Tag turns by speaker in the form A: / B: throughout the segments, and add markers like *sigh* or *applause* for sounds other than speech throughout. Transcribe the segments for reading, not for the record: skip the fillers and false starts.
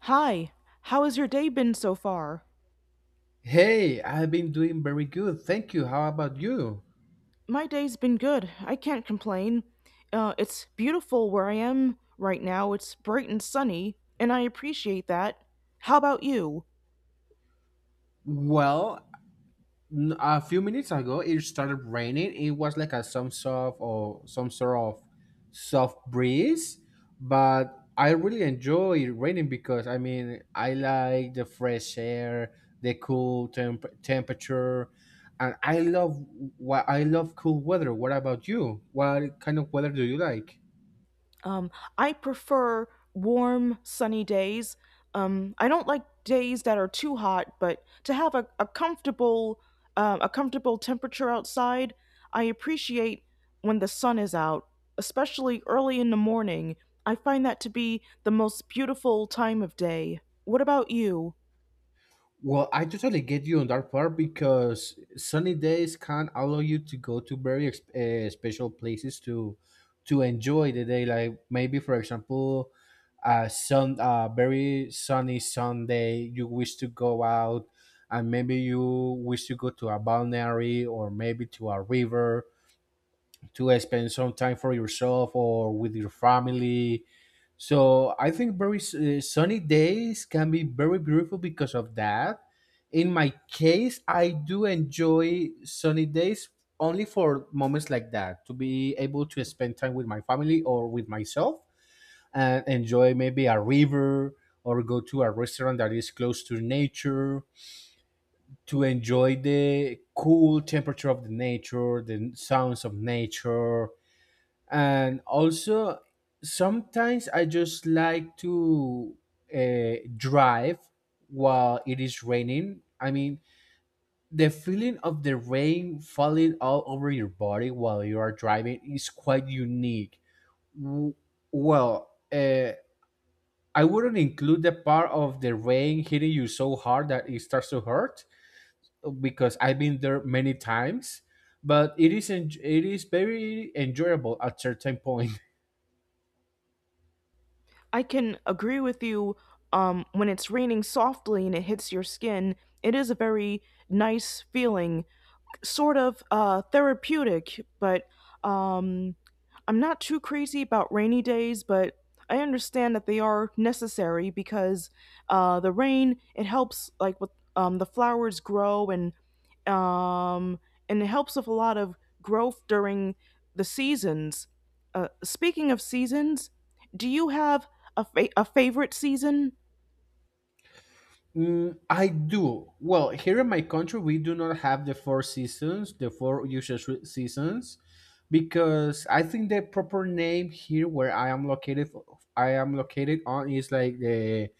A: Hi, how has your day been so far?
B: Hey, I've been doing very good. Thank you. How about you?
A: My day's been good. I can't complain. It's beautiful where I am right now. It's bright and sunny, and I appreciate that. How about you?
B: Well, a few minutes ago it started raining. It was like a some sort of or some sort of soft breeze, but I really enjoy raining because I mean, I like the fresh air, the cool temperature, and I love cool weather. What about you? What kind of weather do you like?
A: Um, I prefer warm, sunny days. I don't like days that are too hot, but to have a comfortable temperature outside, I appreciate when the sun is out, especially early in the morning. I find that to be the most beautiful time of day. What about you?
B: Well, I totally get you on that part because sunny days can allow you to go to very special places to enjoy the day. Like maybe, for example, a very sunny Sunday, you wish to go out, and maybe you wish to go to a balneary or maybe to a river to spend some time for yourself or with your family, so I think very sunny days can be very beautiful because of that. In my case, I do enjoy sunny days only for moments like that to be able to spend time with my family or with myself and enjoy maybe a river or go to a restaurant that is close to nature to enjoy the cool temperature of the nature, the sounds of nature, and also sometimes I just like to drive while it is raining. I mean, the feeling of the rain falling all over your body while you are driving is quite unique. W- well, I wouldn't include the part of the rain hitting you so hard that it starts to hurt because I've been there many times, but it is very enjoyable at certain point.
A: I can agree with you when it's raining softly and it hits your skin. It is a very nice feeling, sort of therapeutic. But um, I'm not too crazy about rainy days, but I understand that they are necessary because the rain it helps like with the flowers grow, and um, and it helps with a lot of growth during the seasons. Speaking of seasons, do you have a favorite season?
B: Mm, I do. Well, here in my country, we do not have the four seasons, the four usual seasons, because I think the proper name here where I am located on is like the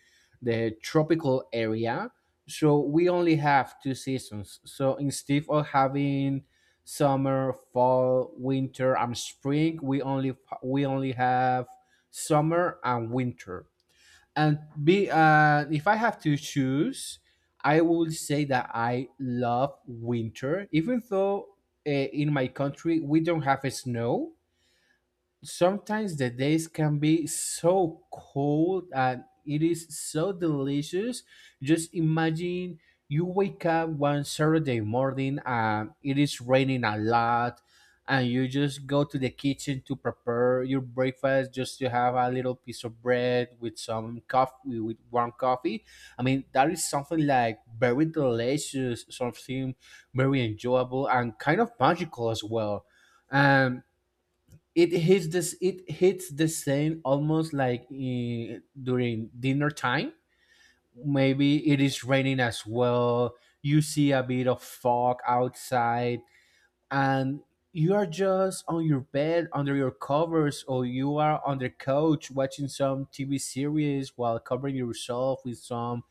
B: the tropical area. So we only have two seasons. So instead of having summer, fall, winter, and spring, we only have summer and winter. And be uh, if I have to choose, I would say that I love winter even though in my country we don't have snow. Sometimes the days can be so cold and it is so delicious. Just imagine you wake up one Saturday morning and it is raining a lot, and you just go to the kitchen to prepare your breakfast just to have a little piece of bread with some coffee, with warm coffee. I mean, that is something like very delicious, something very enjoyable, and kind of magical as well. And it hits the same almost like during dinner time. Maybe it is raining as well. You see a bit of fog outside, and you are just on your bed under your covers, or you are on the couch watching some TV series while covering yourself with some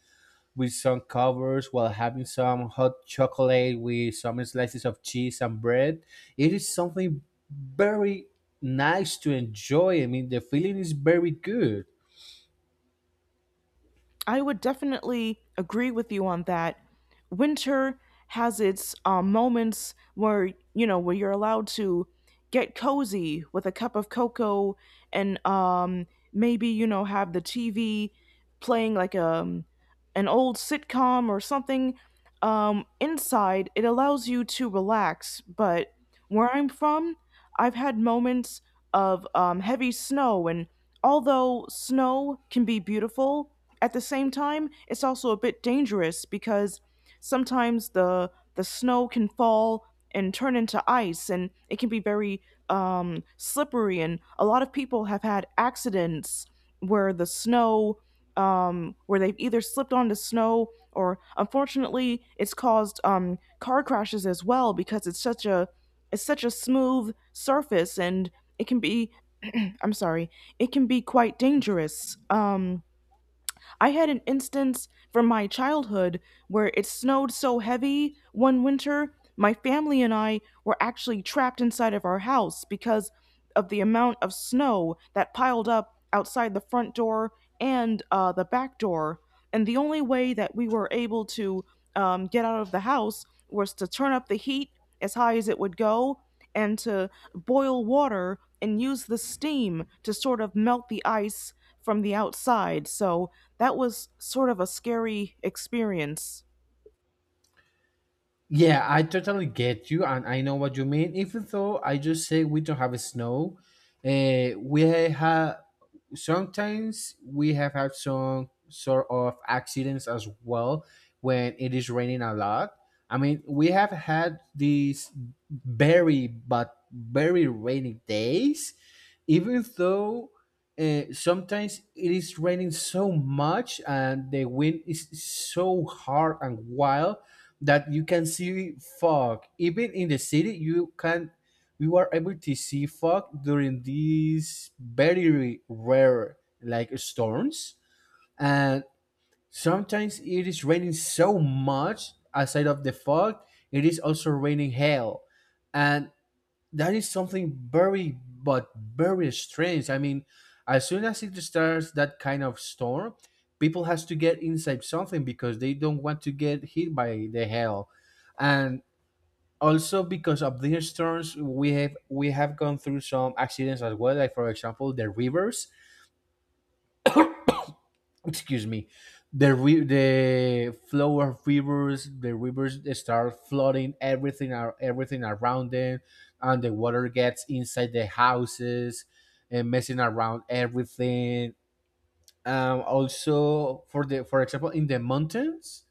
B: with some covers while having some hot chocolate with some slices of cheese and bread. It is something very nice to enjoy. I mean, the feeling is very good.
A: I would definitely agree with you on that. Winter has its moments where you know where you're allowed to get cozy with a cup of cocoa, and maybe you know have the TV playing like a an old sitcom or something. Inside, it allows you to relax. But where I'm from, I've had moments of heavy snow, and although snow can be beautiful, at the same time, it's also a bit dangerous because sometimes the snow can fall and turn into ice, and it can be very slippery, and a lot of people have had accidents where the snow where they've either slipped onto snow, or unfortunately it's caused car crashes as well, because it's such a smooth surface, and it can be, *clears throat* I'm sorry, it can be quite dangerous. I had an instance from my childhood where it snowed so heavy one winter, my family and I were actually trapped inside of our house because of the amount of snow that piled up outside the front door and the back door. And the only way that we were able to get out of the house was to turn up the heat as high as it would go, and to boil water and use the steam to sort of melt the ice from the outside. So that was sort of a scary experience.
B: Yeah, I totally get you, and I know what you mean. Even though I just say we don't have snow, we have sometimes we have had some sort of accidents as well when it is raining a lot. I mean, we have had these very but very rainy days, even though sometimes it is raining so much and the wind is so hard and wild that you can see fog even in the city. You can We were able to see fog during these very rare like storms. And sometimes it is raining so much, aside of the fog, it is also raining hail, and that is something very but very strange. I mean, as soon as it starts that kind of storm, people has to get inside something because they don't want to get hit by the hail. And also because of these storms, we have gone through some accidents as well, like for example the rivers, excuse me, the flow of rivers, the rivers start flooding everything around them, and the water gets inside the houses and messing around everything. Also for example, in the mountains,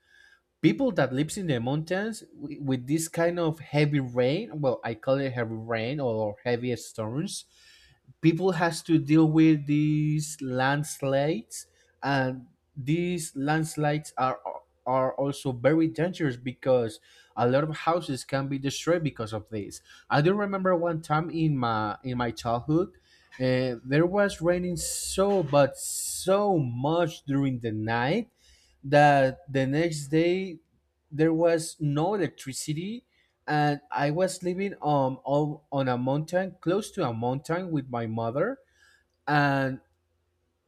B: people that lives in the mountains with this kind of heavy rain, well I call it heavy rain or heavy storms, people has to deal with these landslides. And these landslides are also very dangerous because a lot of houses can be destroyed because of this. I do remember one time in my childhood. There was raining so but so much during the night that the next day there was no electricity, and I was living on a mountain close to a mountain with my mother. And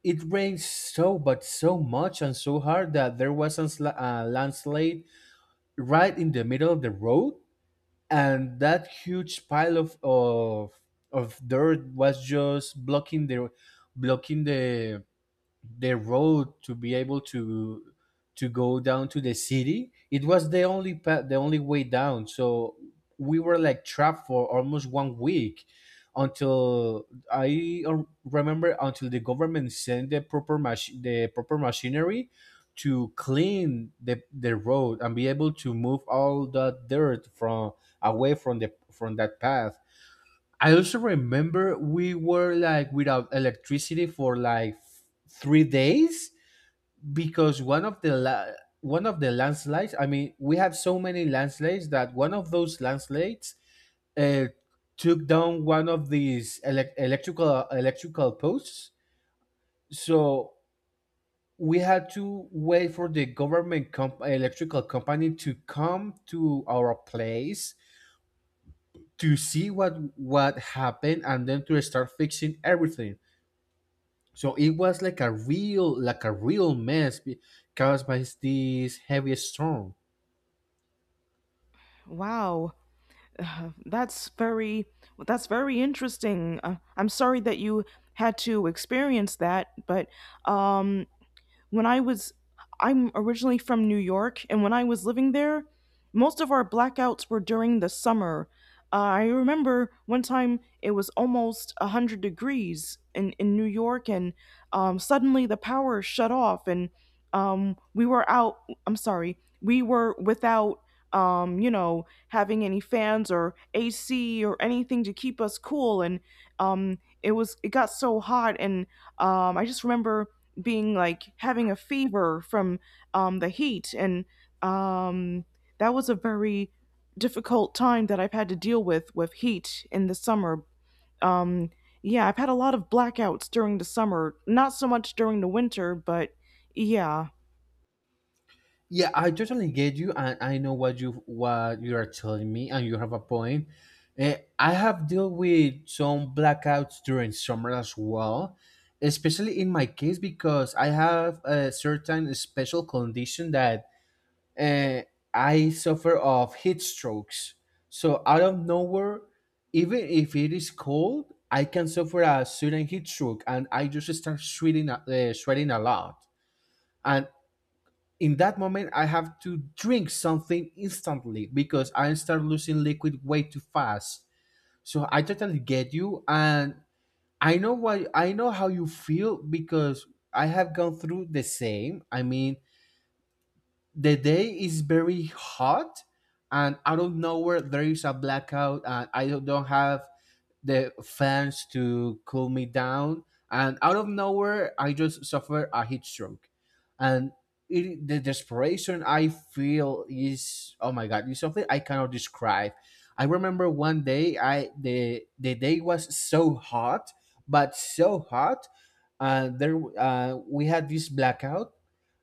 B: it rained so but so much and so hard that there was a landslide right in the middle of the road, and that huge pile of dirt was just blocking the road to be able to go down to the city. It was the only way down, so we were like trapped for almost one week until I remember until the government sent the proper machinery to clean the road and be able to move all the dirt from away from the from that path. I also remember we were like without electricity for like 3 days because one of the landslides. I mean, we have so many landslides that one of those landslides uh, took down one of these electrical posts. So we had to wait for the electrical company to come to our place to see what happened and then to start fixing everything. So it was like like a real mess caused by this heavy storm.
A: Wow. *sighs* uh, that's very that's very interesting. I'm sorry that you had to experience that, but um when I was, I'm originally from New York, and when I was living there, most of our blackouts were during the summer. I remember one time it was almost 100 degrees in New York, and suddenly the power shut off, and we were out, I'm sorry, we were without, having any fans or AC or anything to keep us cool. And it got so hot, and I just remember being like having a fever from the heat. And um, that was a very difficult time that I've had to deal with heat in the summer. Um, yeah, I've had a lot of blackouts during the summer, not so much during the winter, but yeah.
B: Yeah, I totally get you, and I know what you are telling me, and you have a point. I have dealt with some blackouts during summer as well, especially in my case because I have a certain special condition that uh, I suffer of heat strokes. So out of nowhere, even if it is cold, I can suffer a sudden heat stroke, and I just start sweating a lot. And in that moment, I have to drink something instantly because I start losing liquid way too fast. So I totally get you, and I know why I know how you feel because I have gone through the same. I mean, the day is very hot, and out of nowhere there is a blackout, and I don't have the fans to cool me down. And out of nowhere, I just suffered a heat stroke. And the desperation I feel is, oh my God, is something I cannot describe. I remember one day, I the day was so hot, but so hot. There We had this blackout,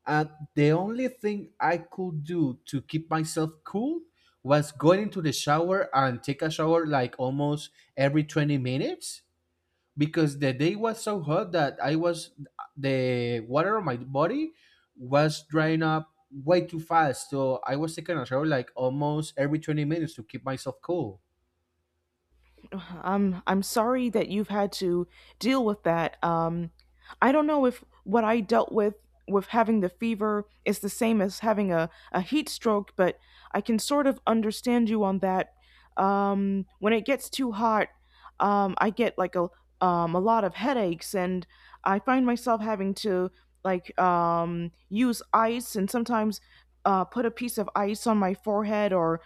B: and the only thing I could do to keep myself cool was going into the shower and take a shower like almost every 20 minutes because the day was so hot that I was the water on my body was drying up way too fast. So I was taking a shower like almost every 20 minutes to keep myself cool.
A: I'm sorry that you've had to deal with that. I don't know if what I dealt with having the fever is the same as having a heat stroke, but I can sort of understand you on that. When it gets too hot, I get like a lot of headaches, and I find myself having to like use ice, and sometimes put a piece of ice on my forehead, or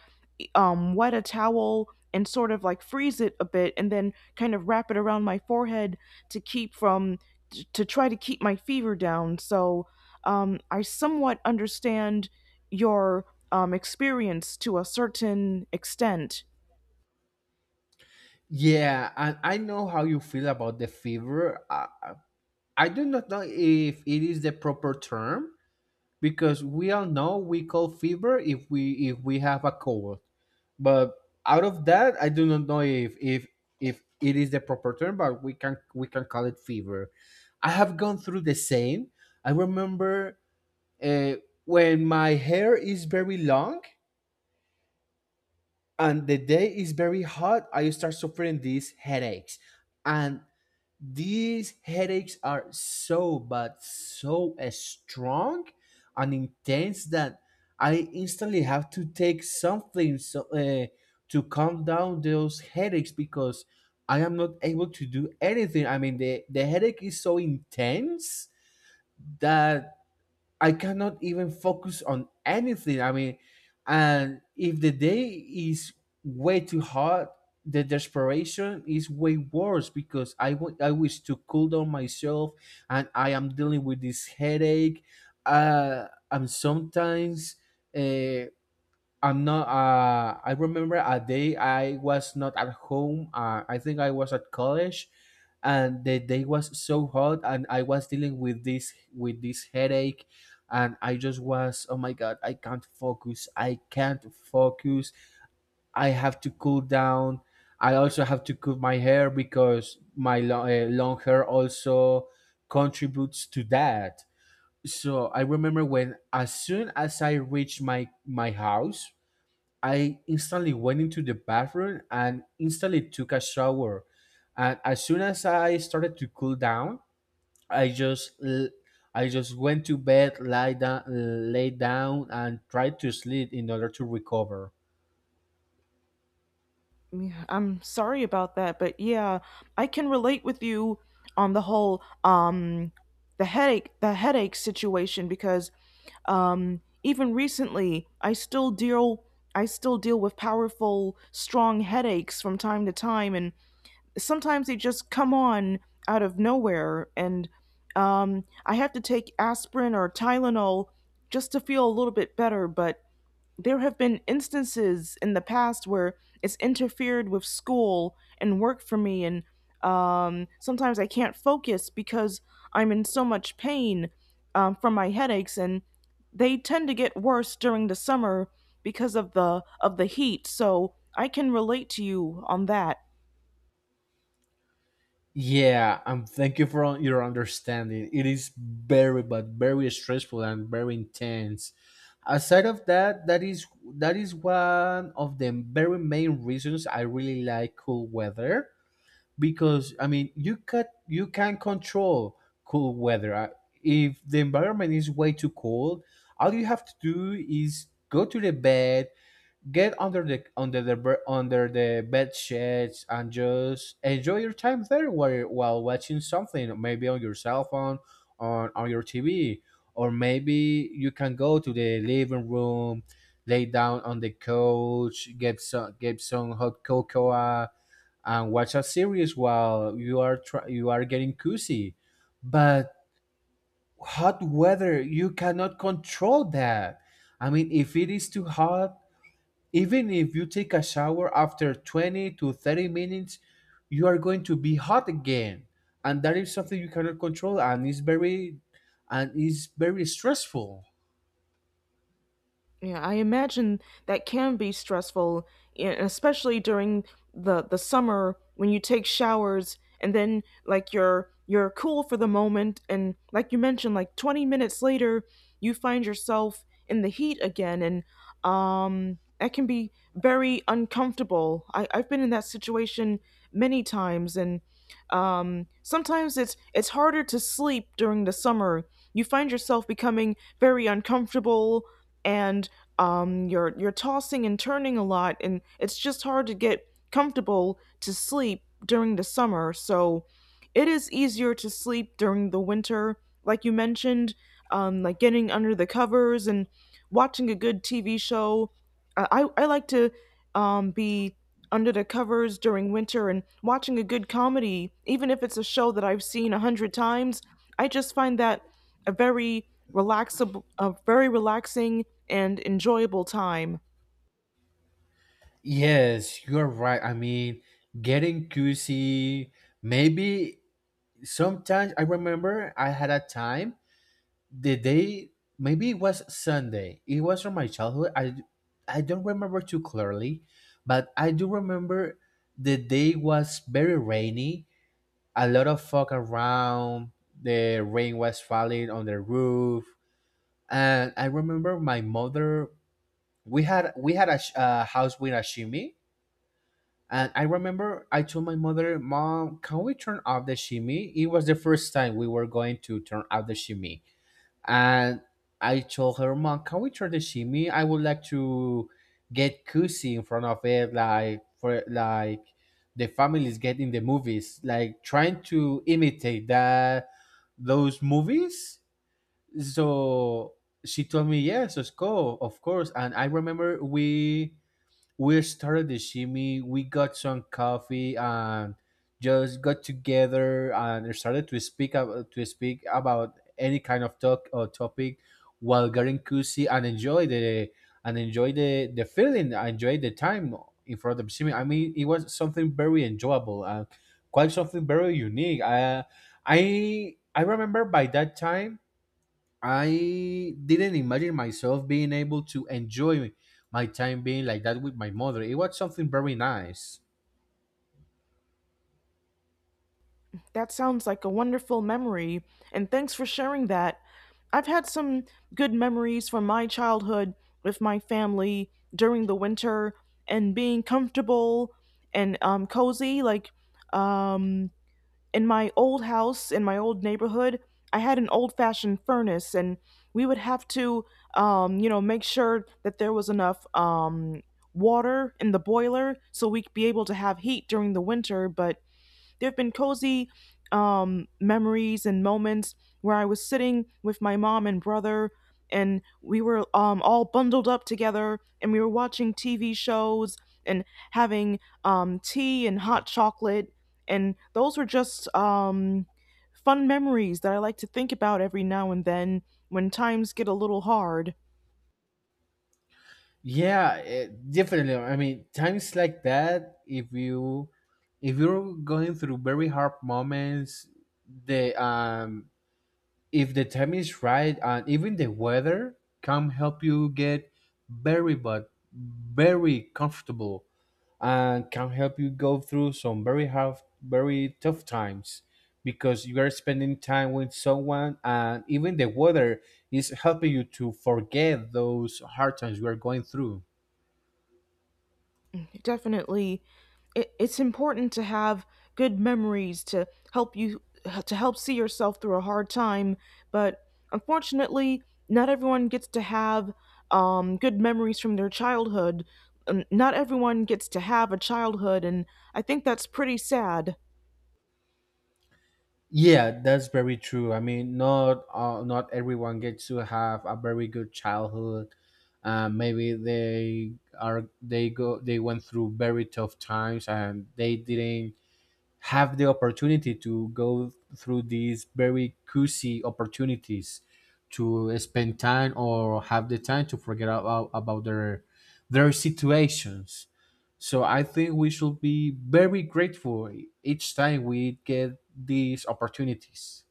A: wet a towel and sort of like freeze it a bit and then kind of wrap it around my forehead to keep from to try to keep my fever down. So I somewhat understand your experience to a certain extent.
B: Yeah, and I know how you feel about the fever. I do not know if it is the proper term, because we all know we call fever if we have a cold, but out of that I do not know if it is the proper term, but we can call it fever. I have gone through the same. I remember, uh, when my hair is very long and the day is very hot, I start suffering these headaches, and these headaches are so bad, so strong and intense that I instantly have to take something to calm down those headaches because I am not able to do anything. I mean, the headache is so intense that I cannot even focus on anything. I mean, and if the day is way too hot, the desperation is way worse because I wish to cool down myself, and I am dealing with this headache. I'm sometimes. Uh, I'm not. I remember a day I was not at home. I think I was at college, and the day was so hot, and I was dealing with this headache, and I just was. Oh my God! I can't focus. I can't focus. I have to cool down. I also have to cut my hair because my long hair also contributes to that. So I remember when, as soon as I reached my house, I instantly went into the bathroom and instantly took a shower. And as soon as I started to cool down, I just l- I just went to bed, lie down, lay down, and tried to sleep in order to recover.
A: Yeah, I'm sorry about that, but yeah, I can relate with you on the whole, the headache situation, because even recently I still deal with powerful, strong headaches from time to time, and sometimes they just come on out of nowhere, and I have to take aspirin or Tylenol just to feel a little bit better. But there have been instances in the past where it's interfered with school and work for me, and sometimes I can't focus because I'm in so much pain, from my headaches, and they tend to get worse during the summer because of the heat, so I can relate to you on that.
B: Yeah, and thank you for your understanding. It is very, but very stressful and very intense. Aside of that, that is one of the very main reasons I really like cool weather because I mean you can control cool weather. If the environment is way too cold, all you have to do is go to the bed, get under the bed sheets, and just enjoy your time there while watching something, maybe on your cell phone, on your TV, or maybe you can go to the living room. Lay down on the couch, get some hot cocoa, and watch a series while you are getting cozy. But hot weather, you cannot control that. I mean, if it is too hot, even if you take a shower after 20 to 30 minutes, you are going to be hot again. And that is something you cannot control, and it's very stressful.
A: Yeah, I imagine that can be stressful, especially during the summer when you take showers, and then like you're cool for the moment, and like you mentioned, like 20 minutes later you find yourself in the heat again, and that can be very uncomfortable. I've been in that situation many times, and sometimes it's harder to sleep during the summer. You find yourself becoming very uncomfortable, and you're tossing and turning a lot, and it's just hard to get comfortable to sleep during the summer. So it is easier to sleep during the winter, like you mentioned, like getting under the covers and watching a good TV show. I like to be under the covers during winter and watching a good comedy, even if it's a show that I've seen a hundred times. I just find that a very relaxing and enjoyable time.
B: Yes, you're right. I mean, getting cozy, maybe sometimes I remember I had a time the day, maybe it was Sunday. It was from my childhood. I don't remember too clearly, but I do remember the day was very rainy, a lot of fog around, the rain was falling on the roof. And I remember my mother, we had a house with a shimmy. And I remember I told my mother, Mom, can we turn off the shimmy? It was the first time we were going to turn off the shimmy. And I told her, Mom, can we try the shimmy? I would like to get cozy in front of it, like for like the families get in the movies, like trying to imitate that those movies. So she told me, Yes, let's go, of course. And I remember we started the shimmy. We got some coffee and just got together and started to to speak about any kind of talk or topic while getting cozy and enjoy the feeling, enjoy the time in front of the shimmy. I mean, it was something very enjoyable and quite something very unique. I remember by that time I didn't imagine myself being able to enjoy my time being like that with my mother. It was something very nice.
A: That sounds like a wonderful memory, and thanks for sharing that. I've had some good memories from my childhood with my family during the winter, and being comfortable and cozy, like um, in my old house, in my old neighborhood, I had an old fashioned furnace, and we would have to, make sure that there was enough water in the boiler so we'd be able to have heat during the winter. But there have been cozy memories and moments where I was sitting with my mom and brother, and we were all bundled up together, and we were watching TV shows and having tea and hot chocolate. And those were just fun memories that I like to think about every now and then when times get a little hard.
B: Yeah, definitely. I mean, times like that, if you're going through very hard moments, the if the time is right, and even the weather can help you get very but very comfortable and can help you go through some very hard, very tough times because you are spending time with someone and even the weather is helping you to forget those hard times you are going through.
A: Definitely, it's important to have good memories to help see yourself through a hard time. But unfortunately, not everyone gets to have good memories from their childhood. Not everyone gets to have a childhood, and I think that's pretty sad.
B: Yeah, that's very true. I mean, not everyone gets to have a very good childhood. Maybe they are they go they went through very tough times and they didn't have the opportunity to go through these very cozy opportunities to spend time or have the time to forget about their situations. So I think we should be very grateful each time we get these opportunities.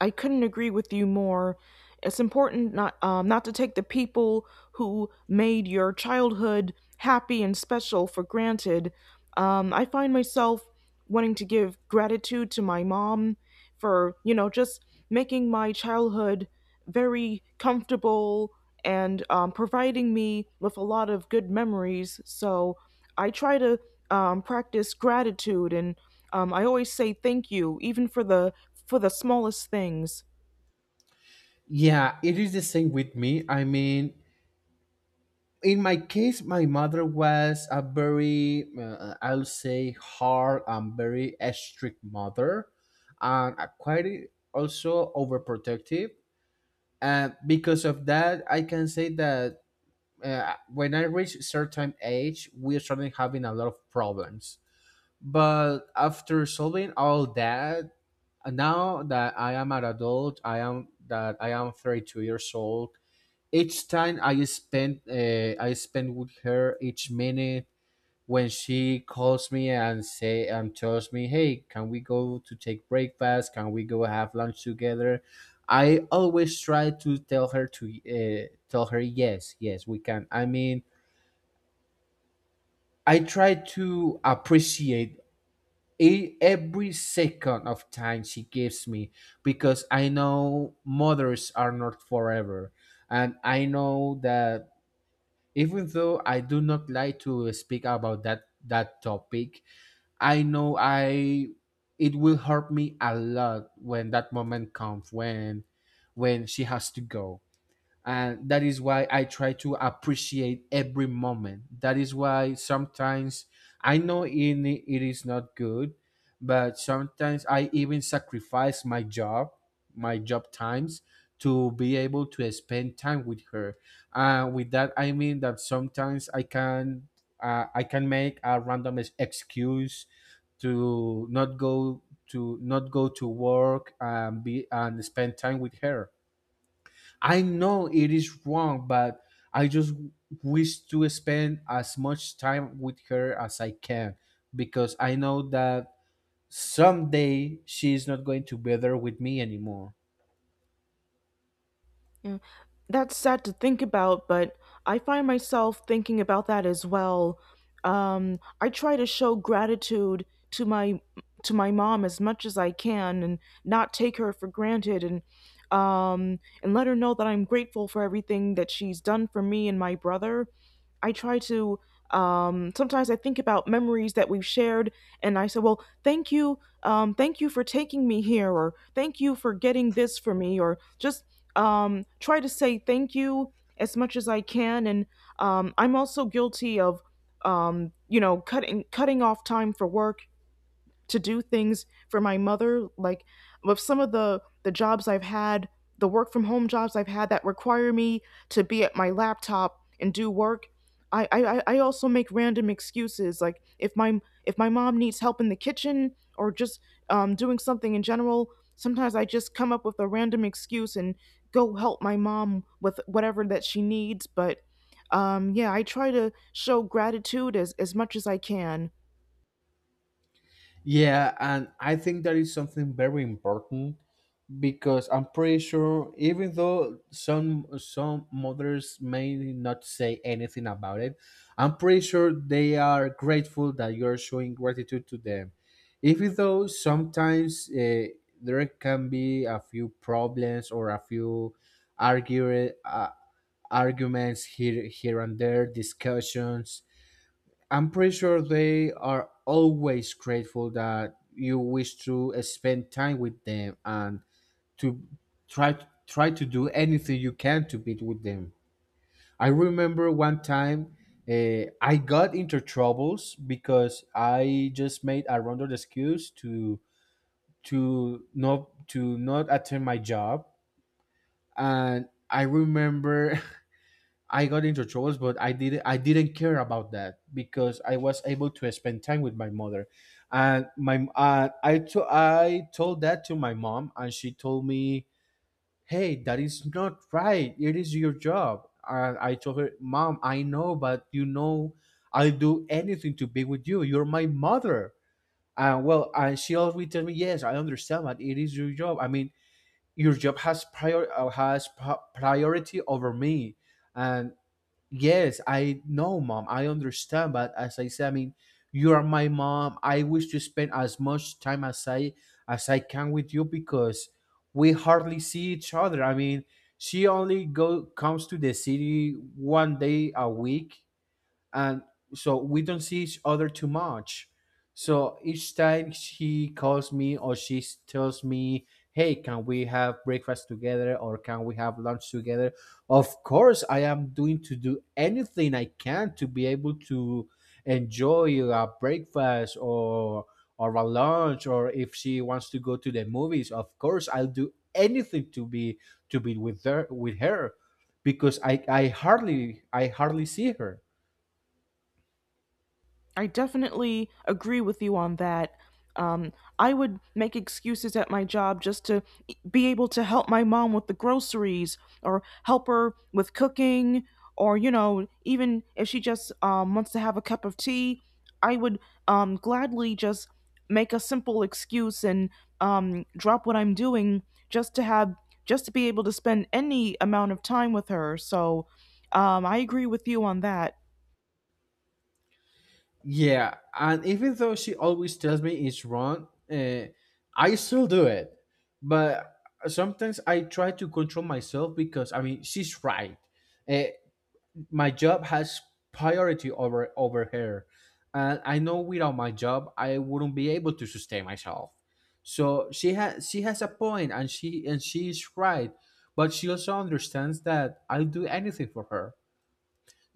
A: I couldn't agree with you more. It's important not, not to take the people who made your childhood happy and special for granted. I find myself wanting to give gratitude to my mom for just making my childhood very comfortable, and providing me with a lot of good memories. So I try to practice gratitude, and I always say thank you, even for the, for the smallest things.
B: Yeah, it is the same with me. I mean, in my case, my mother was a very, I'll say, hard and very strict mother, and a quite also overprotective. And because of that, I can say that when I reached certain age, we started having a lot of problems. But after solving all that, now that I am an adult, I am 32 years old. Each time I spend with her each minute, when she calls me and tells me, "Hey, can we go to take breakfast? Can we go have lunch together?" I always try to tell her to tell her yes, yes, we can. I mean, I try to appreciate every second of time she gives me because I know mothers are not forever. And I know that, even though I do not like to speak about that topic, I know I it will hurt me a lot when that moment comes, when she has to go. And that is why I try to appreciate every moment. That is why sometimes, I know in it is not good, but sometimes I even sacrifice my job, my job times, to be able to spend time with her. With that I mean that sometimes I can make a random excuse to not go, to work, and spend time with her. I know it is wrong, but I just wish to spend as much time with her as I can because I know that someday she is not going to be there with me anymore.
A: That's sad to think about, but I find myself thinking about that as well. I try to show gratitude to my, to my mom as much as I can, and not take her for granted, and and let her know that I'm grateful for everything that she's done for me and my brother. I try to Sometimes I think about memories that we've shared, and I say, well, thank you for taking me here, or thank you for getting this for me, or just try to say thank you as much as I can. And I'm also guilty of, cutting off time for work to do things for my mother, like with some of the jobs I've had, the work from home jobs I've had that require me to be at my laptop and do work. I also make random excuses like, if my, if my mom needs help in the kitchen, or just doing something in general, sometimes I just come up with a random excuse and go help my mom with whatever that she needs. But yeah, I try to show gratitude as much as I can.
B: Yeah, and I think that is something very important because I'm pretty sure, even though some mothers may not say anything about it, I'm pretty sure they are grateful that you're showing gratitude to them. Even though sometimes there can be a few problems or a few argue, uh, arguments here and there, discussions. I'm pretty sure they are always grateful that you wish to spend time with them and to try to do anything you can to beat with them. I remember one time, I got into troubles because I just made a random excuse to to not attend my job. And I remember *laughs* I got into troubles, but I didn't care about that because I was able to spend time with my mother. And I told that to my mom, and she told me, Hey, that is not right, it is your job. And I told her, Mom, I know, but you know, I'll do anything to be with you, you're my mother. And well, and she always tell me, Yes, I understand, but it is your job. I mean, your job has priority over me. And yes, I know, mom. I understand, but as I said, I mean, you are my mom. I wish to spend as much time as I can with you because we hardly see each other. I mean, she only go comes to the city one day a week, and so we don't see each other too much. So each time she calls me or tells me, "Hey, can we have breakfast together or can we have lunch together?" Of course, I am doing to do anything I can to be able to enjoy a breakfast or a lunch, or if she wants to go to the movies. Of course, I'll do anything to be with her because I hardly see her.
A: I definitely agree with you on that. Um, I would make excuses at my job just to be able to help my mom with the groceries, or help her with cooking, or, even if she just wants to have a cup of tea. I would gladly just make a simple excuse and drop what I'm doing, just to have just to be able to spend any amount of time with her. So I agree with you on that.
B: Yeah, and even though she always tells me it's wrong, I still do it. But sometimes I try to control myself because I mean she's right. Uh, my job has priority over her, and I know without my job I wouldn't be able to sustain myself. So she has a point, and she is right, but she also understands that I'll do anything for her.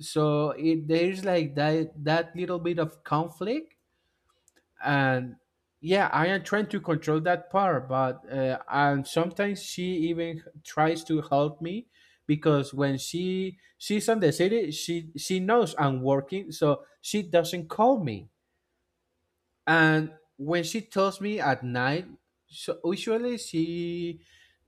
B: So it, there is like that little bit of conflict. And yeah, I am trying to control that part, but and sometimes she even tries to help me because when she's on the city, she knows I'm working, so she doesn't call me. And when she tells me at night, so usually she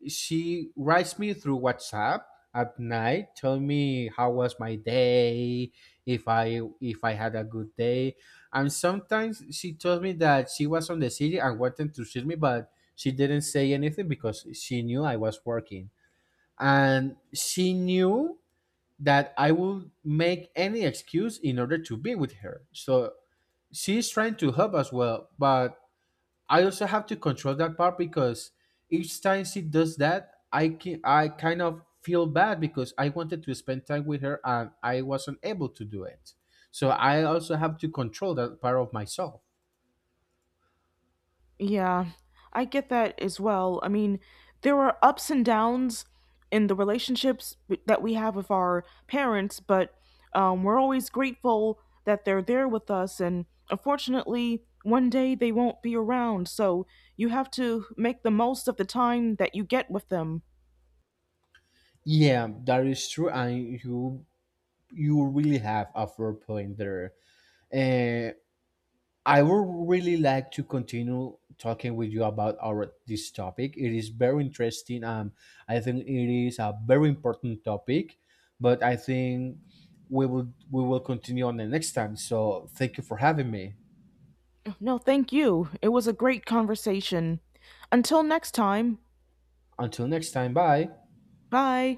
B: she writes me through WhatsApp at night, tell me how was my day, if I had a good day. And sometimes she told me that she was on the city and wanted to see me, but she didn't say anything because she knew I was working, and she knew that I would make any excuse in order to be with her. So she's trying to help as well, but I also have to control that part because each time she does that, I kind of feel bad because I wanted to spend time with her and I wasn't able to do it. So I also have to control that part of myself.
A: Yeah, I get that as well. I mean, there are ups and downs in the relationships that we have with our parents, but we're always grateful that they're there with us. And unfortunately, one day they won't be around. So you have to make the most of the time that you get with them.
B: Yeah, that is true, and you really have a fair point there. Uh, I would really like to continue talking with you about our this topic. It is very interesting. I think it is a very important topic, but I think we will continue on the next time. So thank you for having me.
A: No, thank you. It was a great conversation. Until next time,
B: Until next time, bye.
A: bye.